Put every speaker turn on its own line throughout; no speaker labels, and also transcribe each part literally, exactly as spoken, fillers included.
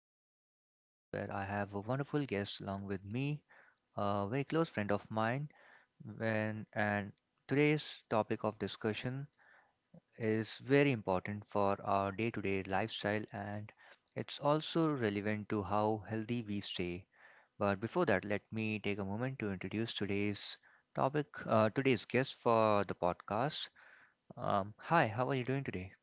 another podcast where I have a wonderful guest along with me, a very close friend of mine. When, and today's topic of discussion is very important for our day to day lifestyle and it's also relevant to how healthy we stay. But before that, let me take a moment to introduce today's topic, uh, today's guest for the podcast. Um, hi, how are you doing today?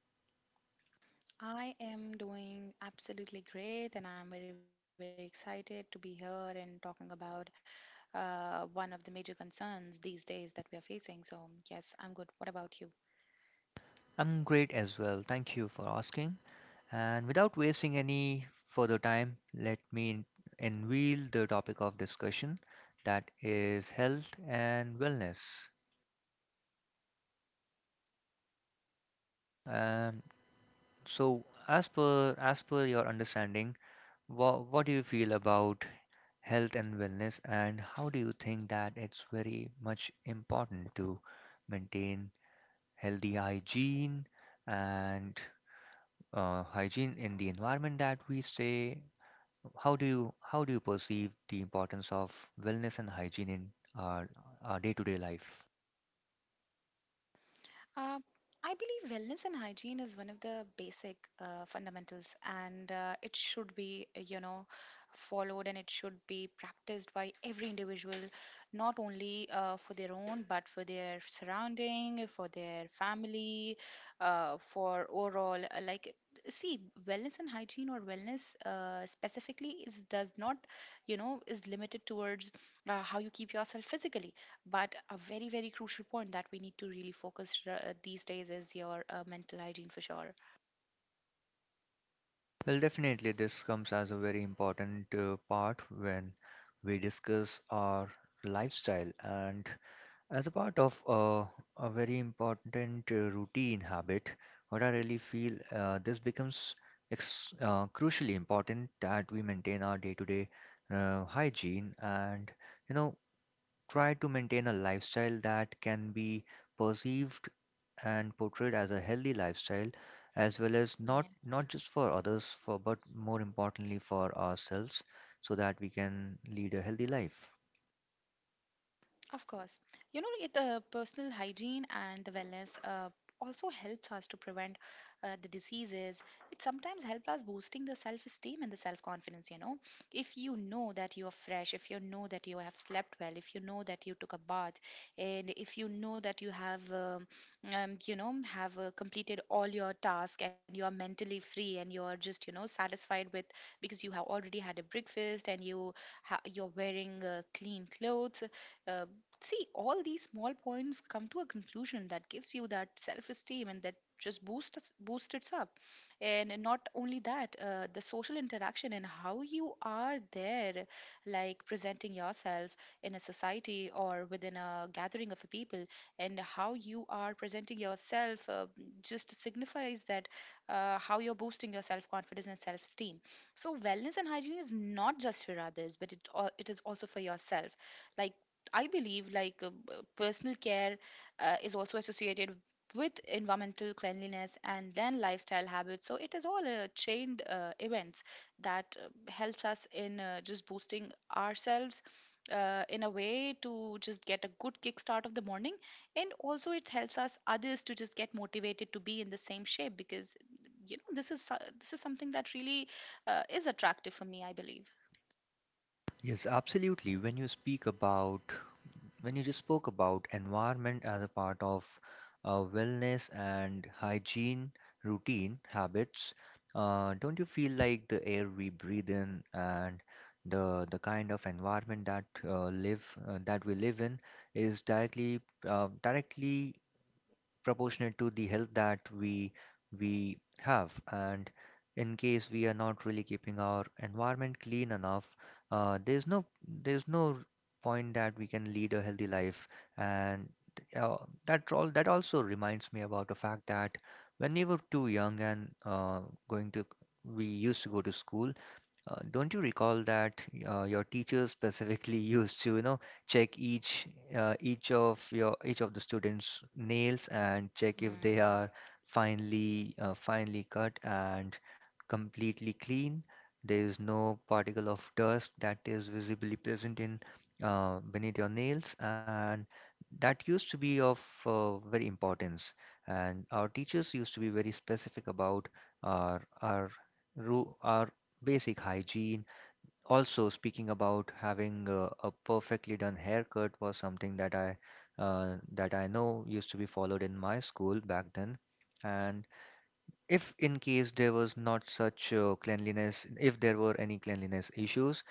I am doing absolutely great, and I'm very, very excited to be here and talking about uh, one of the major concerns these days that we are facing. So, yes, I'm good. What about you?
I'm great as well. Thank you for asking. And without wasting any further time, let me unveil the topic of discussion that is health and wellness. Um, so, as per as per your understanding, wha what do you feel about health and wellness, and how do you think that it's very much important to maintain healthy hygiene and uh, hygiene in the environment that we stay. How do you how do you perceive the importance of wellness and hygiene in our our day-to-day life?
Uh, I believe wellness and hygiene is one of the basic uh, fundamentals, and uh, it should be, uh, you know, followed and it should be practiced by every individual, not only uh, for their own, but for their surrounding, for their family, uh, for overall. uh, Like, see, wellness and hygiene or wellness uh, specifically is does not, you know, is limited towards uh, how you keep yourself physically, but a very, very crucial point that we need to really focus uh, these days is your uh, mental hygiene for sure.
Well, definitely this comes as a very important uh, part when we discuss our lifestyle and as a part of uh, a very important uh, routine habit, what I really feel uh, this becomes ex uh, crucially important that we maintain our day-to-day uh, hygiene and you know try to maintain a lifestyle that can be perceived and portrayed as a healthy lifestyle as well, as not not
Yes.
just for others for but more importantly for ourselves, so that we can lead a healthy life.
Of course. You know, it, the personal hygiene and the wellness uh, also helps us to prevent uh, the diseases. It sometimes helps us boosting the self-esteem and the self-confidence, you know. If you know that you are fresh, if you know that you have slept well, if you know that you took a bath, and if you know that you have, um, um, you know, have uh, completed all your tasks and you are mentally free and you are just, you know, satisfied with because you have already had a breakfast and you ha- you're wearing uh, clean clothes. uh, See, all these small points come to a conclusion that gives you that self-esteem and that just boosts boosts it up. And not only that, uh, the social interaction and how you are there, like presenting yourself in a society or within a gathering of people, and how you are presenting yourself uh, just signifies that uh, how you're boosting your self-confidence and self-esteem. So wellness and hygiene is not just for others, but it, al- it is also for yourself. Like, I believe, like, uh, b- personal care uh, is also associated with environmental cleanliness and then lifestyle habits. So it is all a chained uh, events that uh, helps us in uh, just boosting ourselves uh, in a way to just get a good kickstart of the morning. And also it helps us others to just get motivated to be in the same shape, because you know this is so- this is something that really uh, is attractive for me, I believe.
Yes, absolutely. When you speak about when you just spoke about environment as a part of uh, wellness and hygiene routine habits, uh, don't you feel like the air we breathe in and the the kind of environment that uh, live uh, that we live in is directly uh, directly proportionate to the health that we we have? And in case we are not really keeping our environment clean enough, uh, there's no there's no point that we can lead a healthy life. And uh, that all that also reminds me about the fact that when we were too young and uh, going to we used to go to school. Uh, don't you recall that uh, your teachers specifically used to, you know, check each uh, each of your each of the students' nails and check if they are
Mm.
finely uh, finely cut and completely clean. There is no particle of dust that is visibly present in uh, beneath your nails, and that used to be of uh, very importance. And our teachers used to be very specific about our our ru- our basic hygiene. Also, speaking about having a, a perfectly done haircut was something that I uh, that I know used to be followed in my school back then, and if in case there was not such uh, cleanliness, if there were any cleanliness issues,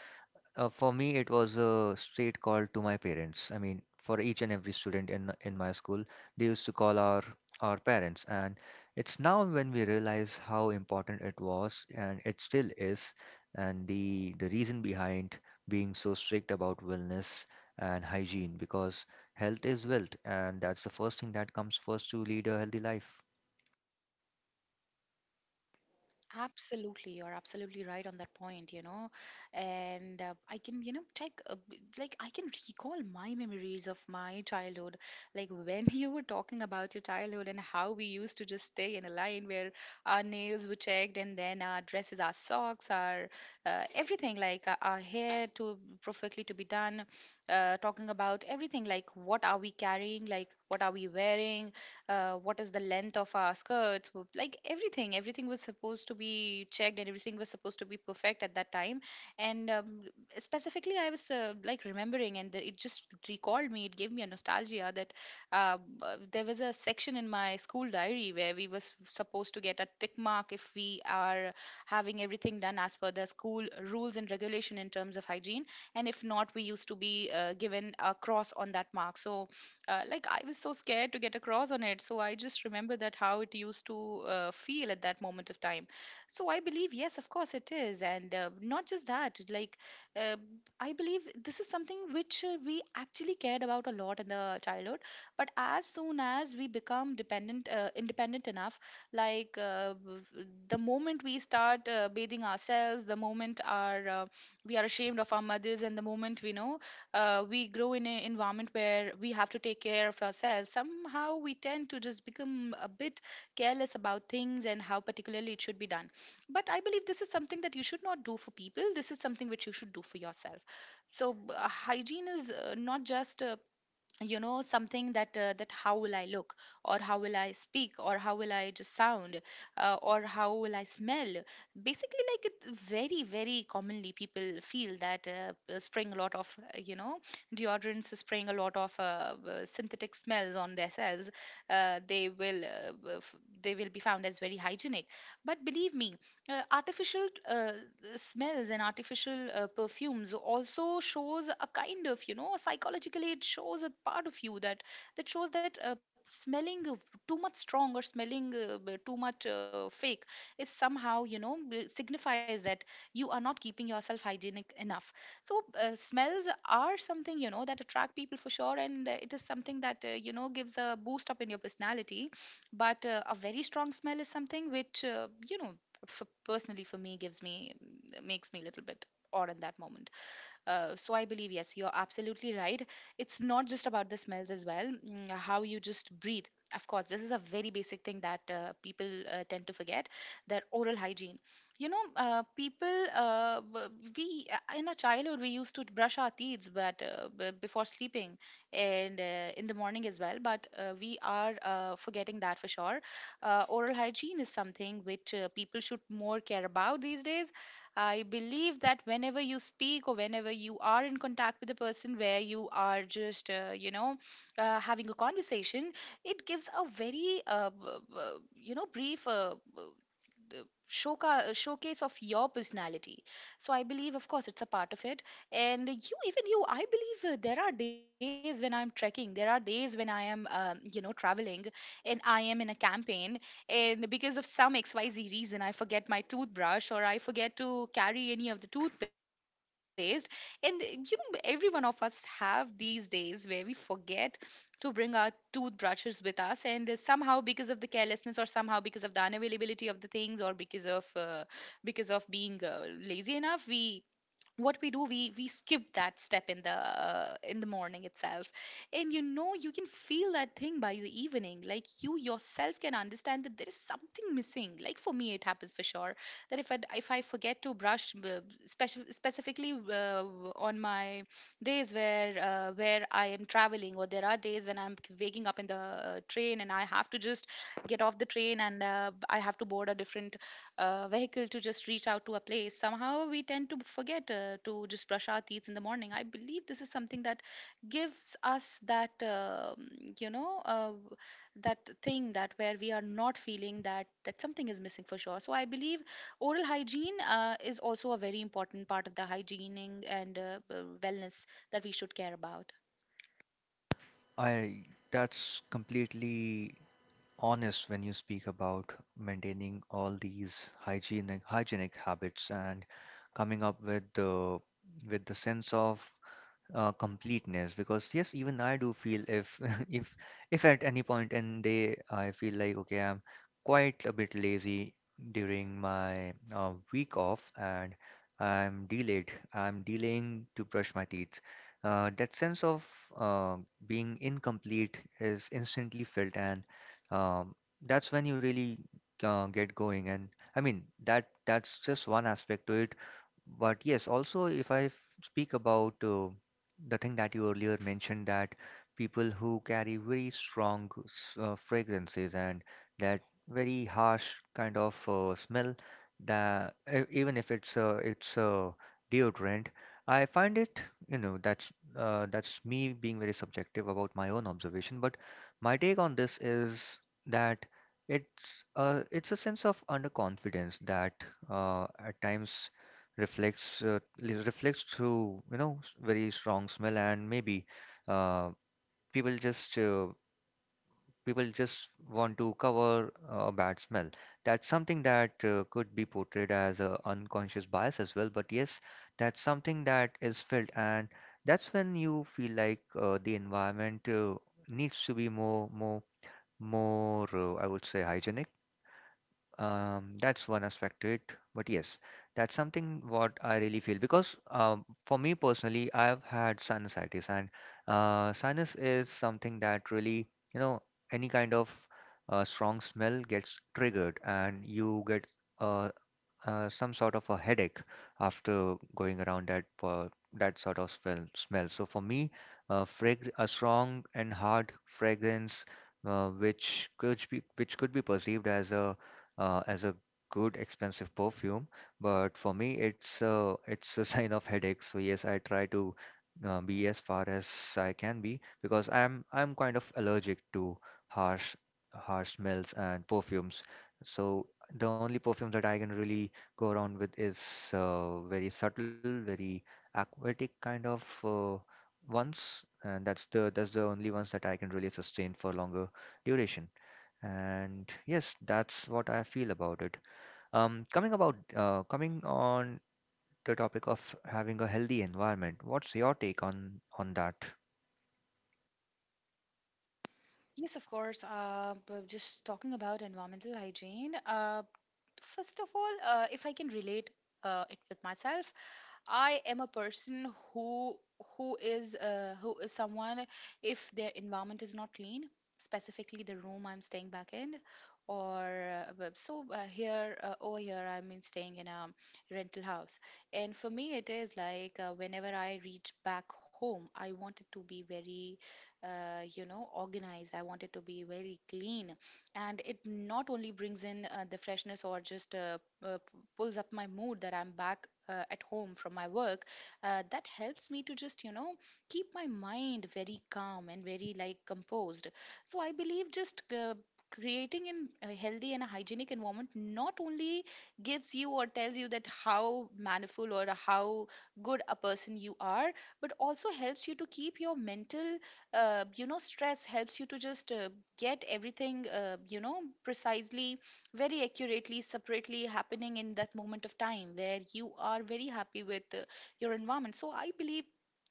uh, for me it was a straight call to my parents. I mean, for each and every student in in my school, they used to call our our parents, and it's now when we realize how important it was, and it still is, and the the reason behind being so strict about wellness and hygiene, because health is wealth, and that's the first thing that comes first to lead a healthy life.
Absolutely, you're absolutely right on that point, you know. And uh, I can, you know, take a b like I can recall my memories of my childhood. Like when you were talking about your childhood and how we used to just stay in a line where our nails were checked, and then our dresses, our socks, our uh, everything, like our, our hair to perfectly to be done. Uh, talking about everything, like what are we carrying, like what are we wearing, uh, what is the length of our skirts, w- like everything. Everything was supposed to be checked and everything was supposed to be perfect at that time. And um, specifically, I was uh, like remembering, and it just recalled me, it gave me a nostalgia that um, uh, b- there was a section in my school diary where we was supposed to get a tick mark if we are having everything done as per the school rules and regulation in terms of hygiene, and if not, we used to be uh, given a cross on that mark. So uh, like I was so scared to get across on it. So I just remember that how it used to uh, feel at that moment of time. So I believe, yes, of course it is. And uh, not just that, like, uh, I believe this is something which uh, we actually cared about a lot in the childhood. But as soon as we become dependent, uh, independent enough, like, uh, w- w- the moment we start uh, bathing ourselves, the moment our uh, we are ashamed of our mothers, and the moment we know uh, we grow in an environment where we have to take care of ourselves, somehow we tend to just become a bit careless about things and how particularly it should be done. But I believe this is something that you should not do for people. This is something which you should do for yourself. So, b- uh, hygiene is uh, not just uh, you know something that uh, that how will I look, or how will I speak, or how will I just sound, uh, or how will I smell. Basically, like, it very, very commonly people feel that uh, uh, spraying a lot of uh, you know deodorants, spraying a lot of uh, uh, synthetic smells on their cells, uh, they will uh, uh, f- they will be found as very hygienic. But believe me, uh, artificial uh, smells and artificial uh, perfumes also shows a kind of, you know, psychologically, it shows a part of you that that shows that uh, smelling of too much strong or smelling uh, b- too much uh, fake is somehow, you know, b- signifies that you are not keeping yourself hygienic enough. So uh, smells are something, you know, that attract people for sure, and uh, it is something that uh, you know gives a boost up in your personality. But uh, a very strong smell is something which uh, you know, for personally for me, gives me makes me a little bit odd in that moment. Uh, so I believe, yes, you're absolutely right. It's not just about the smells as well, mm, how you just breathe. Of course, this is a very basic thing that uh, people uh, tend to forget their oral hygiene. You know, uh, people, uh, b- we uh, in our childhood, we used to brush our teeth, but, uh, b- before sleeping, and uh, in the morning as well, but uh, we are uh, forgetting that for sure. Uh, oral hygiene is something which uh, people should more care about these days. I believe that whenever you speak or whenever you are in contact with a person where you are just, uh, you know, uh, having a conversation, it gives a very, uh, b- b- you know, brief. Uh, the showca- uh, showcase of your personality. So I believe, of course, it's a part of it. And you, even you, I believe, uh, there are days when I'm trekking, there are days when I am, um, you know traveling, and I am in a campaign, and because of some xyz reason I forget my toothbrush or I forget to carry any of the toothpaste. And uh, you know, every one of us have these days where we forget to bring our toothbrushes with us, and uh, somehow because of the carelessness, or somehow because of the unavailability of the things, or because of uh, because of being uh, lazy enough, we what we do we we skip that step in the uh, in the morning itself. And you know, you can feel that thing by the evening, like you yourself can understand that there is something missing. Like for me, it happens for sure that if i if I forget to brush, uh, speci- specifically uh, on my days where, uh, where I am traveling, or there are days when I'm waking up in the uh, train and I have to just get off the train and uh, I have to board a different uh, vehicle to just reach out to a place, somehow we tend to forget uh, to just brush our teeth in the morning. I believe this is something that gives us that, um you know, uh, that thing that where we are not feeling that that something is missing for sure. So I believe oral hygiene uh, is also a very important part of the hygiening and uh, uh, wellness that we should care about.
I That's completely honest. When you speak about maintaining all these hygienic hygienic habits and coming up with the, with the sense of uh, completeness, because yes, even I do feel, if if if at any point in day I feel like, okay, I'm quite a bit lazy during my uh, week off and i'm delayed I'm delaying to brush my teeth, uh, that sense of uh, being incomplete is instantly felt. And um, that's when you really uh, get going. And I mean, that that's just one aspect to it. But yes, also if I f- speak about uh, the thing that you earlier mentioned, that people who carry very strong s- uh, fragrances and that very harsh kind of uh, smell, that e- even if it's, uh, it's uh, deodorant, I find it, you know, that's uh, that's me being very subjective about my own observation. But my take on this is that it's uh, it's a sense of underconfidence that uh, at times reflects uh, li- reflects through you know s- very strong smell. And maybe uh, people just uh, people just want to cover a bad smell. That's something that uh, could be portrayed as a unconscious bias as well, but yes, that's something that is felt, and that's when you feel like uh, the environment uh, needs to be more more more uh, I would say, hygienic. Um, that's one aspect to it, but yes, that's something what I really feel, because um, for me personally, I've had sinusitis, and uh, sinus is something that really, you know, any kind of uh, strong smell gets triggered, and you get a uh, some sort of a headache after going around that uh, that sort of smell. smell. So for me, uh, frag a strong and hard fragrance, uh, which could be, which could be perceived as a uh, as a good expensive perfume, but for me, it's a it's a sign of headache. So yes, I try to uh, be as far as I can be, because I'm I'm kind of allergic to harsh harsh smells and perfumes. So the only perfume that I can really go around with is uh, very subtle, very aquatic kind of uh, ones, and that's the, that's the only ones that I can really sustain for longer duration. And yes, that's what I feel about it. Um, coming about uh, coming on the topic of having a healthy environment, what's your take on on that?
Yes, of course. Uh, b- just talking about environmental hygiene. Uh, first of all, uh, if I can relate uh, it with myself, I am a person who who is uh, who is someone if their environment is not clean, specifically the room I'm staying back in, or uh, w- so uh, here uh, over here I mean staying in a rental house, and for me it is like uh, whenever I reach back home, I want it to be very uh, you know organized. I want it to be very clean, and it not only brings in uh, the freshness or just uh, uh, p- pulls up my mood that I'm back uh, at home from my work. Uh, that helps me to just you know keep my mind very calm and very like composed. So I believe just uh, creating an, a healthy and a hygienic environment not only gives you or tells you that how manifold or how good a person you are, but also helps you to keep your mental uh, you know stress, helps you to just uh, get everything, uh, you know precisely, very accurately, separately happening in that moment of time where you are very happy with uh, your environment. So I believe,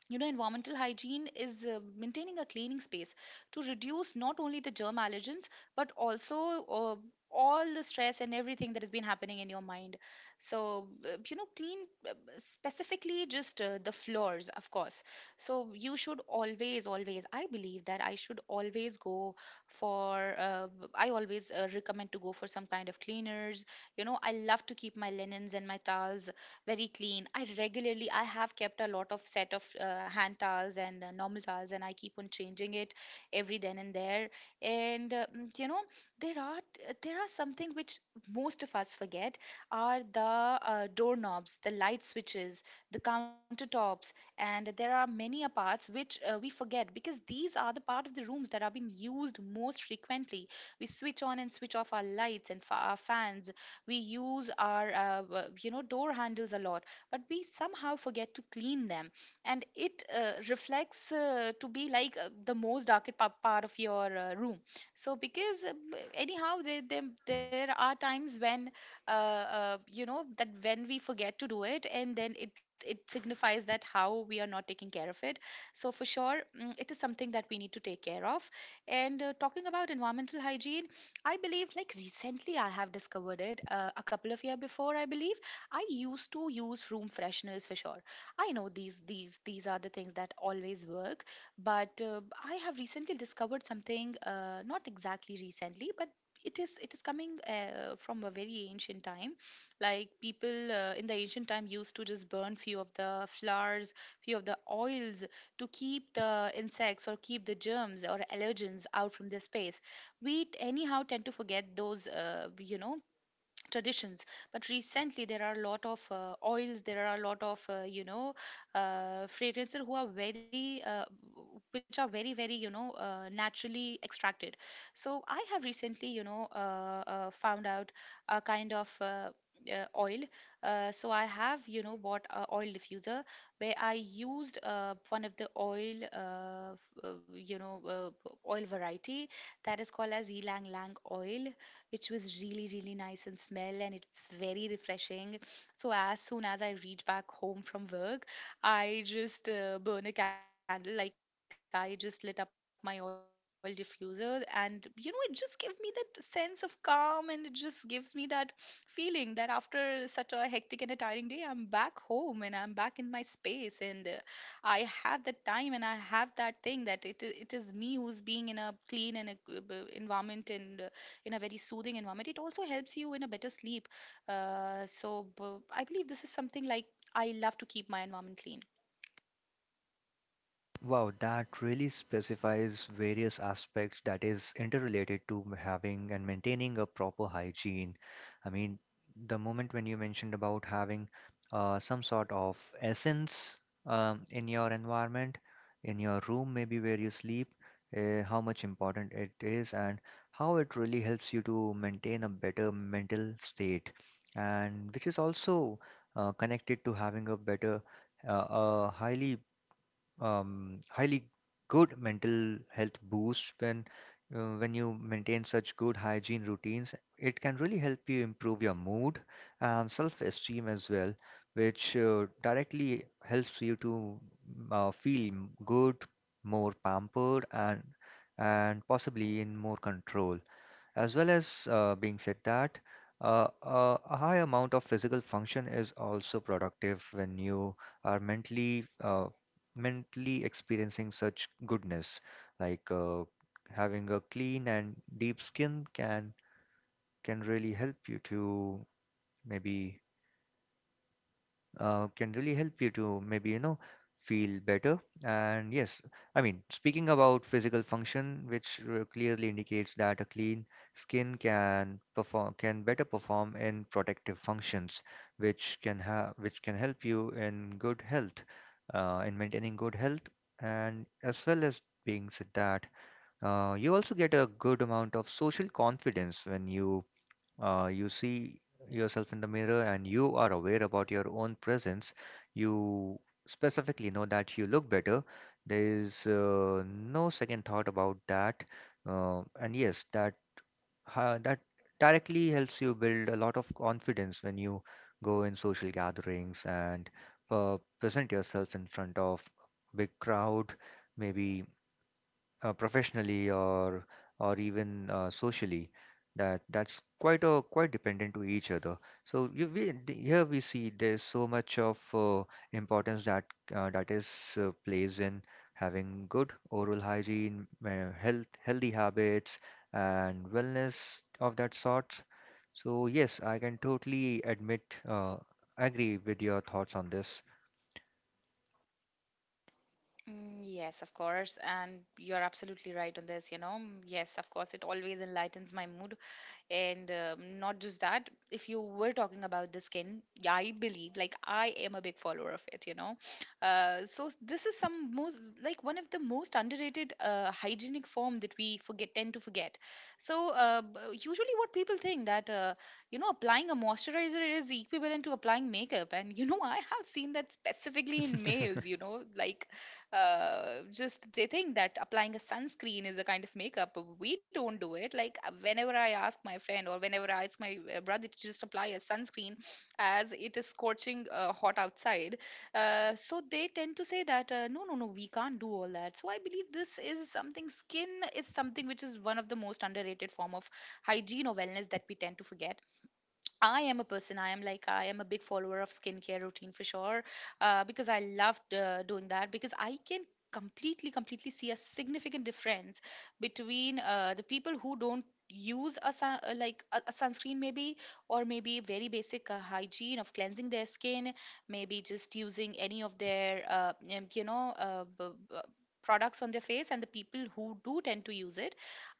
you know environmental hygiene is uh, maintaining a cleaning space to reduce not only the germ allergens, but also uh, all the stress and everything that has been happening in your mind. So uh, you know clean uh, specifically just uh, the floors, of course. So you should always always I believe that I should always go for — uh, I always uh, recommend to go for some kind of cleaners. You know, I love to keep my linens and my towels very clean. I regularly i have kept a lot of set of uh, hand towels and uh, normal towels, and I keep on changing it every then and there. And uh, mm, you know there are uh, there are something which most of us forget, are the uh, doorknobs, the light switches, the countertops. And there are many a parts which uh, we forget, because these are the part of the rooms that are being used most frequently. We switch on and switch off our lights and fa- our fans, we use our uh, w- you know door handles a lot, but we somehow forget to clean them. And it uh, reflects uh, to be like uh, the most darkest pa- part of your uh, room. So because uh, b- anyhow there, there there are times when uh, uh, you know that when we forget to do it, and then it it signifies that how we are not taking care of it. So for sure, mm, it is something that we need to take care of. And uh, talking about environmental hygiene, I believe like recently I have discovered it uh, a couple of year before, I believe. I used to use room fresheners for sure. I know these these these are the things that always work. But uh, I have recently discovered something uh, not exactly recently, but it is it is coming uh, from a very ancient time. Like people uh, in the ancient time used to just burn few of the flowers, few of the oils, to keep the insects or keep the germs or allergens out from their space. We t- anyhow tend to forget those uh, you know traditions. But recently there are a lot of uh, oils, there are a lot of uh, you know uh, fragrances who are very uh, which are very very you know uh, naturally extracted. So I have recently you know uh, uh, found out a kind of uh, uh, oil. Uh, so I have, you know, bought a oil diffuser where I used uh, one of the oil uh, f- uh, you know uh, oil variety that is called as ylang lang oil, which was really, really nice and smell and it's very refreshing. So, as soon as I reach back home from work, I just uh, burn a candle, like I just lit up my oil diffuser, and you know, it just gives me that sense of calm, and it just gives me that feeling that after such a hectic and a tiring day, I'm back home and I'm back in my space. And uh, I have that time and I have that thing that it it is me who's being in a clean and a g- b- environment, and uh, in a very soothing environment. It also helps you in a better sleep. Uh, so b- I believe this is something like I love to keep my environment clean.
Wow, that really specifies various aspects that is interrelated to m- having and maintaining a proper hygiene. I mean, the moment when you mentioned about having uh, some sort of essence um, in your environment, in your room, maybe where you sleep, uh, how much important it is, and how it really helps you to maintain a better mental state, and which is also uh, connected to having a better, uh, a highly, um, highly good mental health boost when uh, when you maintain such good hygiene routines. It can really help you improve your mood and self-esteem as well, which uh, directly helps you to mm, uh, feel good, more pampered, and, and possibly, in more control, as well as uh, being said that, uh, uh, a high amount of physical function is also productive when you are mentally uh, mentally experiencing such goodness. Like uh, having a clean and deep skin can, can really help you to maybe, uh, can really help you to maybe, you know, feel better. And yes, I mean, speaking about physical function, which uh, clearly indicates that a clean skin can perform, can better perform in protective functions, which can have which can help you in good health, uh, in maintaining good health, and as well as being said that, uh, you also get a good amount of social confidence when you uh, you see yourself in the mirror and you are aware about your own presence, you specifically know that you look better. There is uh, no second thought about that. Uh, and yes, that ha that directly helps you build a lot of confidence when you go in social gatherings and uh, present yourself in front of big crowd, maybe uh, professionally, or or even uh, socially. That that's quite a, quite dependent to each other. So you, we, the- here we see there's so much of uh, importance that uh, that is uh, plays in having good oral hygiene, uh, health healthy habits and wellness of that sort. So yes, I can totally admit uh, agree with your thoughts on this.
Mm, Yes, of course. And you're absolutely right on this, you know. Mm, Yes, of course, it always enlightens my mood. And um, not just that, if you were talking about the skin, yeah, I believe, like, I am a big follower of it, you know. Uh, so s- this is some most, like, one of the most underrated uh, hygienic form that we forget, tend to forget. So uh, b- usually what people think that, uh, you know, applying a moisturizer is equivalent to applying makeup. And, you know, I have seen that specifically in males, you know, like, uh, just they think that applying a sunscreen is a kind of makeup. We don't do it. Like uh, whenever I ask my friend, or whenever I ask my uh, brother to just apply a sunscreen as it is scorching uh, hot outside, uh, so they tend to say that, uh, no no no, we can't do all that. So I believe this is something — skin is something which is one of the most underrated form of hygiene or wellness that we tend to forget. I am a person. I am like I am a big follower of skincare routine for sure, uh, because I loved uh, doing that, because I can completely, completely see a significant difference between uh, the people who don't use a sun, uh, like a, a sunscreen maybe, or maybe very basic uh, hygiene of cleansing their skin, maybe just using any of their uh, um, you know uh, b- b- products on their face, and the people who do tend to use it.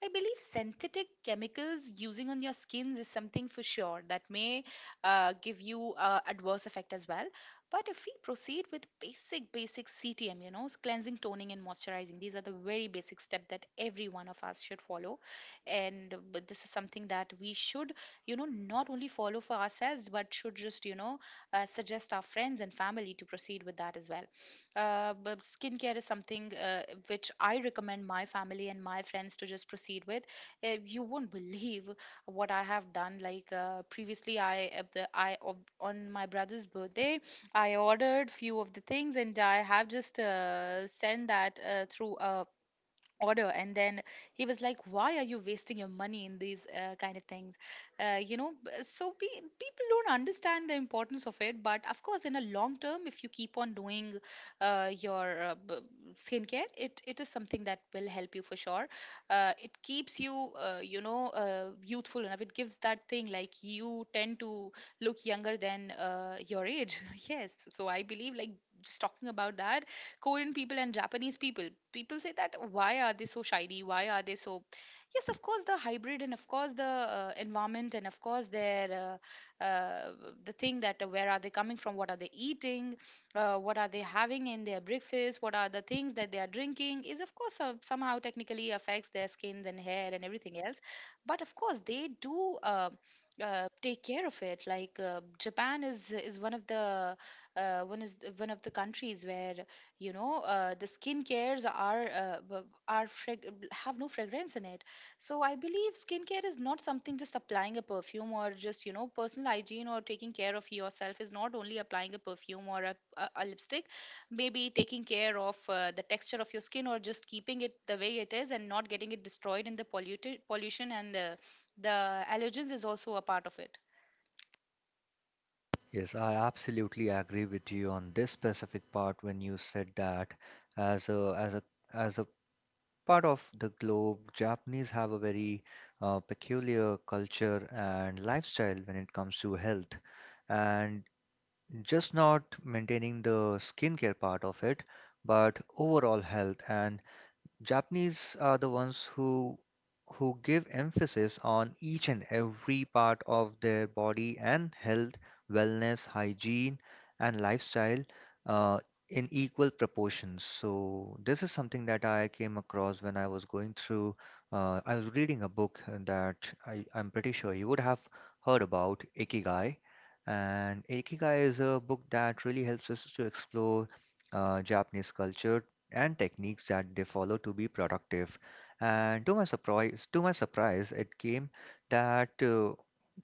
I believe synthetic chemicals using on your skins is something for sure that may uh, give you uh, adverse effect as well. But if we proceed with basic, basic C T M, you know, cleansing, toning, and moisturizing, these are the very basic step that every one of us should follow. And uh, but this is something that we should, you know, not only follow for ourselves, but should just, you know, uh, suggest our friends and family to proceed with that as well. Uh, but skincare is something uh, which I recommend my family and my friends to just proceed with. Uh, you won't believe what I have done. Like uh, previously, I uh, the- I ob- on my brother's birthday, I ordered few of the things and I have just uh, sent that uh, through a order. And then he was like, why are you wasting your money in these uh, kind of things? Uh, you know b- so be, people don't understand the importance of it, but of course in a long term if you keep on doing uh, your uh, b- skincare, it it is something that will help you for sure. Uh, it keeps you uh, you know uh, youthful enough. It gives that thing like you tend to look younger than uh, your age. Yes, so I believe, like, just talking about that, Korean people and Japanese people. People say that why are they so shiny? Why are they so? Yes, of course the hybrid, and of course the uh, environment, and of course their uh, uh, the thing that uh, where are they coming from? What are they eating? Uh, what are they having in their breakfast? What are the things that they are drinking? Is, of course, some somehow technically affects their skin and hair and everything else. But of course they do Uh, uh, take care of it. Like uh, japan is is one of the uh, one is one of the countries where you know uh, the skin cares are uh, b- are frag- have no fragrance in it. So I believe skincare is not something just applying a perfume, or just, you know, personal hygiene or taking care of yourself is not only applying a perfume or a, a, a lipstick. Maybe taking care of uh, the texture of your skin or just keeping it the way it is and not getting it destroyed in the polluted pollution and uh, the allergens is also a part of it.
Yes, I absolutely agree with you on this specific part when you said that, as a as a as a part of the globe, Japanese have a very uh, peculiar culture and lifestyle when it comes to health, and just not maintaining the skincare part of it, but overall health. And Japanese are the ones who who give emphasis on each and every part of their body and health, wellness, hygiene, and lifestyle uh, in equal proportions. So this is something that I came across when I was going through. Uh, I was reading a book that I, I'm pretty sure you would have heard about, Ikigai. And Ikigai is a book that really helps us to explore uh, Japanese culture and techniques that they follow to be productive. And to my surprise, to my surprise, it came that uh,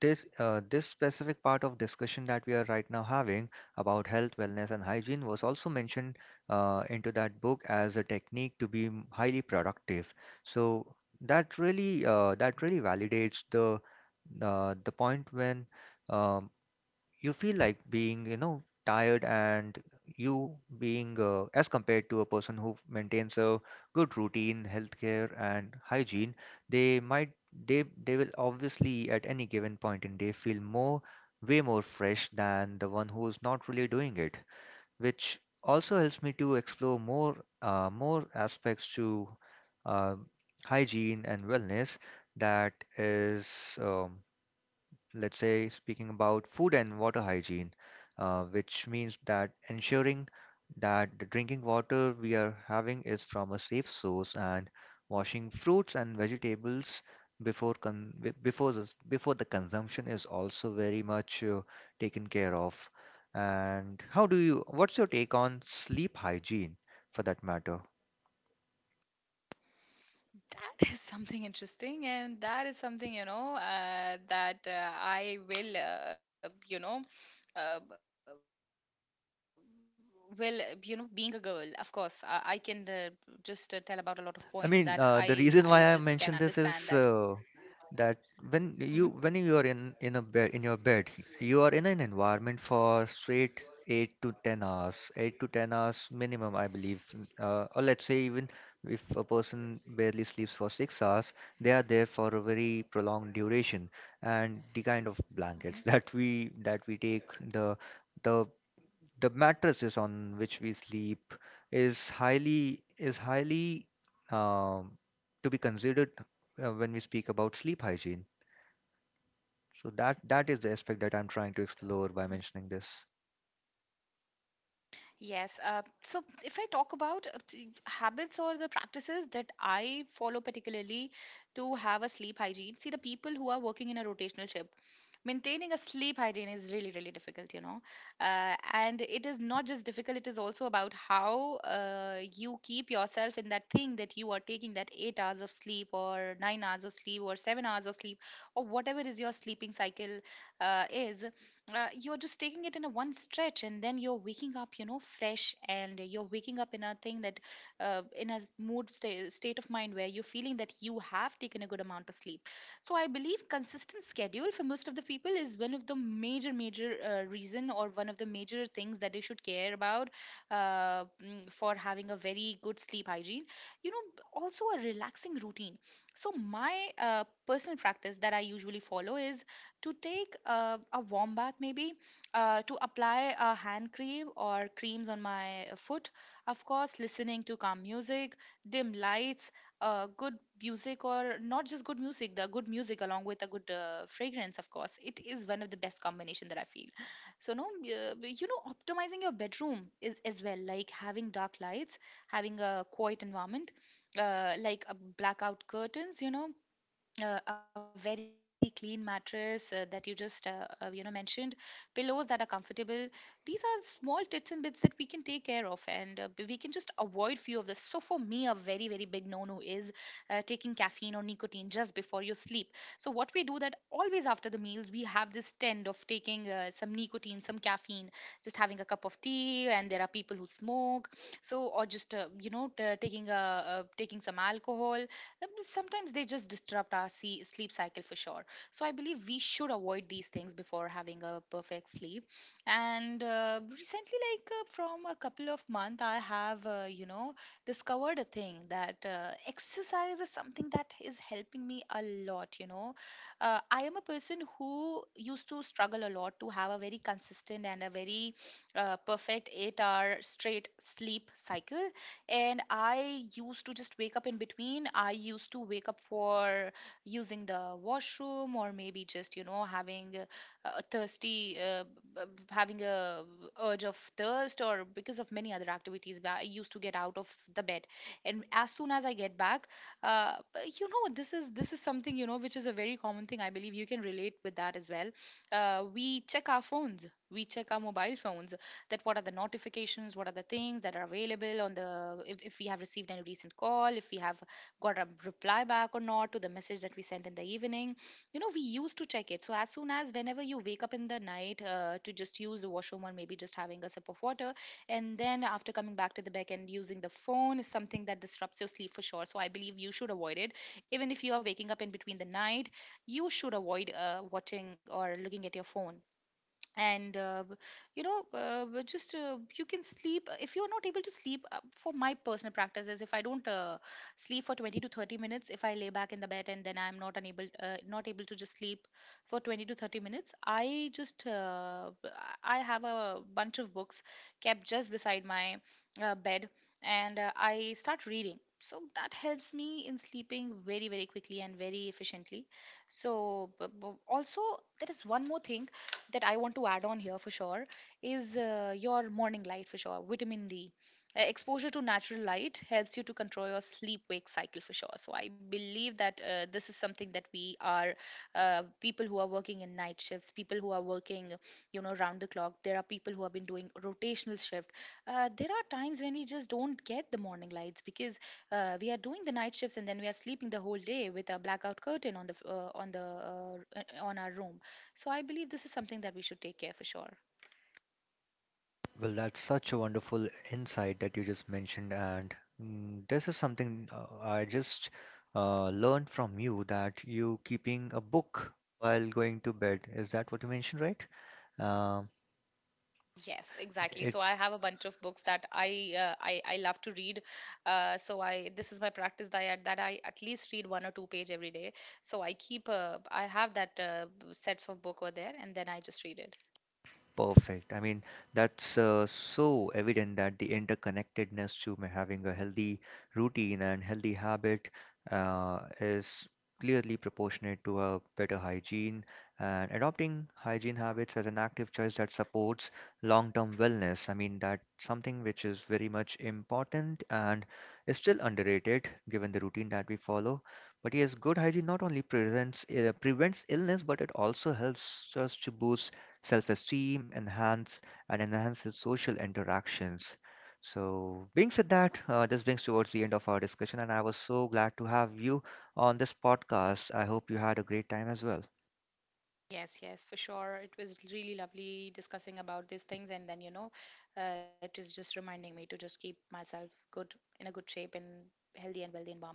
this uh, this specific part of discussion that we are right now having about health, wellness, and hygiene was also mentioned uh, into that book as a technique to be m- highly productive. So that really uh, that really validates the uh, the point when. um you feel like being you know tired, and you being uh, as compared to a person who maintains a good routine healthcare and hygiene, they might they they will obviously, at any given point in day, feel more way more fresh than the one who's not really doing it. Which also helps me to explore more uh, more aspects to uh, hygiene and wellness. That is, um, let's say, speaking about food and water hygiene, uh, which means that ensuring that the drinking water we are having is from a safe source, and washing fruits and vegetables before con- be- before the, before the consumption is also very much uh, taken care of. And how do you, what's your take on sleep hygiene for that matter?
That is something interesting, and that is something, you know uh, that uh, I will, uh, you know, uh, will uh, you know, being a girl, of course, I, I can uh, just uh, tell about a lot of points that I I just can
I mean, uh,
understand
the
that.
reason why I mentioned this is uh,
Mhm,
that when you when you are in in a bed in your bed, you are in an environment for straight eight to ten hours, eight to ten hours minimum, I believe. n- Uh, or let's say, even if a person barely sleeps for six hours, they are there for a very prolonged duration. And the kind of blankets that we that we take, the, the the mattresses on which we sleep is highly, is highly um, to be considered uh, when we speak about sleep hygiene. So that that is the aspect that I'm
mhm,
trying to explore by mentioning this.
yes. Uh, so if I talk about uh, the habits or the practices that I follow particularly to have a sleep hygiene, see the people who are working in a rotational shift, maintaining a sleep hygiene is really, really difficult, you know. Uh, and it is not just difficult, it is also about how uh, you keep yourself in that thing that you are taking that eight hours of sleep or nine hours of sleep or seven hours of sleep or whatever is your sleeping cycle uh, is uh, you're just taking it in a one stretch and then you're waking up you know fresh and you're waking up in a thing that uh, in a mood sta- state of mind where you're feeling that you have taken a good amount of sleep. So I believe consistent schedule for most of the people is one of the major major uh, reason or one of the major things that they should care about, uh, mm, for having a very good sleep hygiene, you know b- also a relaxing routine. So my uh, personal practice that I usually follow is to take uh, a warm bath, maybe uh, to apply a hand cream or creams on my foot. Of course, listening to calm music, dim lights, uh, good music, or not just good music, the good music along with a good uh, fragrance, of course. It is one of the best combination that I feel. So, no, uh, you know, optimizing your bedroom is as well, like having dark lights, having a quiet environment, uh, like a blackout curtains, you know, uh, a very clean mattress uh, that you just uh, uh, you know mentioned, pillows that are comfortable. These are small tits and bits that we can take care of, and uh, b- we can just avoid few of this. So for me a very, very big no no is uh, taking caffeine or nicotine just before you sleep. So what we do that always after the meals we have this trend of taking uh, some nicotine, some caffeine, just having a cup of tea, and there are people who smoke. So or just uh, you know t- taking a, uh, taking some alcohol. Uh, but sometimes they just disrupt our see- sleep cycle for sure. So I believe we should avoid these things before having a perfect sleep. And uh, recently, like uh, from a couple of months, I have, uh, you know, discovered a thing that uh, exercise is something that is helping me a lot, you know. Uh, I am a person who used to struggle a lot to have a very consistent and a very uh, perfect eight hour straight sleep cycle, and I used to just wake up in between. I used to wake up for using the washroom, or maybe just, you know, having a, a thirsty, uh, b- b- having a urge of thirst, or because of many other activities, where I used to get out of the bed. And as soon as I get back, uh, but you know, this is this is something, you know, which is a very common thing. I believe you can relate with that as well. Uh, we check our phones. We check our mobile phones, that what are the notifications, what are the things that are available on the, if, if we have received any recent call, if we have got a reply back or not to the message that we sent in the evening, you know, we used to check it. So as soon as, whenever you wake up in the night uh, to just use the washroom or maybe just having a sip of water, and then after coming back to the back and using the phone is something that disrupts your sleep for sure. So I believe you should avoid it. Even if you are waking up in between the night, you should avoid uh, watching or looking at your phone. And uh, b- you know uh, b- just uh, You can sleep. Uh, if you're not able to sleep uh, for my personal practices, if I don't uh, sleep for twenty to thirty minutes if I lay back in the bed and then I'm not unable uh, not able to just sleep for twenty to thirty minutes, I just uh, b- I have a bunch of books kept just beside my uh, bed, and uh, I start reading, so that helps me in sleeping very, very quickly and very efficiently. So b- b- also there is one more thing that I want to add on here for sure, is uh, your morning light for sure, vitamin D. Uh, exposure to natural light helps you to control your sleep wake cycle for sure. So I believe that uh, this is something that we are uh, people who are working in night shifts, people who are working, you know, round the clock. There are people who have been doing rotational shift. Uh, there are times when we just don't get the morning lights because uh, we are doing the night shifts and then we are sleeping the whole day with a blackout curtain on the f- uh, on the uh, on our room. So I believe this is something that we should take care for sure.
Well, that's such a wonderful insight that you just mentioned, and, mm, this is something uh, I just uh, learned from you, that you keeping a book while going to bed. Is that what you mentioned, right? Um,
Yes, exactly.
it
So I have a bunch of books that I uh, I, I love to read. Uh, so I, this is my practice, that I, that I at least read one or two page every day. So I keep uh, I have that uh, sets of book over there, and then I just read it.
Perfect. I mean, that's uh, so evident that the interconnectedness to ma- having a healthy routine and healthy habit uh, is clearly proportionate to a better hygiene. And adopting hygiene habits as an active choice that supports long-term wellness. I mean, that's something which is very much important and is still underrated given the routine that we follow. But yes, good hygiene not only prevents uh, prevents illness, but it also helps us to boost self-esteem, enhance and enhances social interactions. So, being said that, uh, this brings towards the end of our discussion, and I was so glad to have you on this podcast. I hope you had a great time as well.
Yes, yes, for sure. It was really lovely discussing about these things, and then you know, uh, it is just reminding me to just keep myself good in a good shape and healthy and wealthy environment.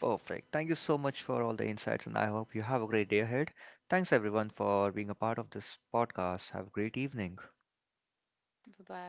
Perfect. Thank you so much for all the insights, and I hope you have a great day ahead. Thanks everyone for being a part of this podcast. Have a great evening.
Bye bye.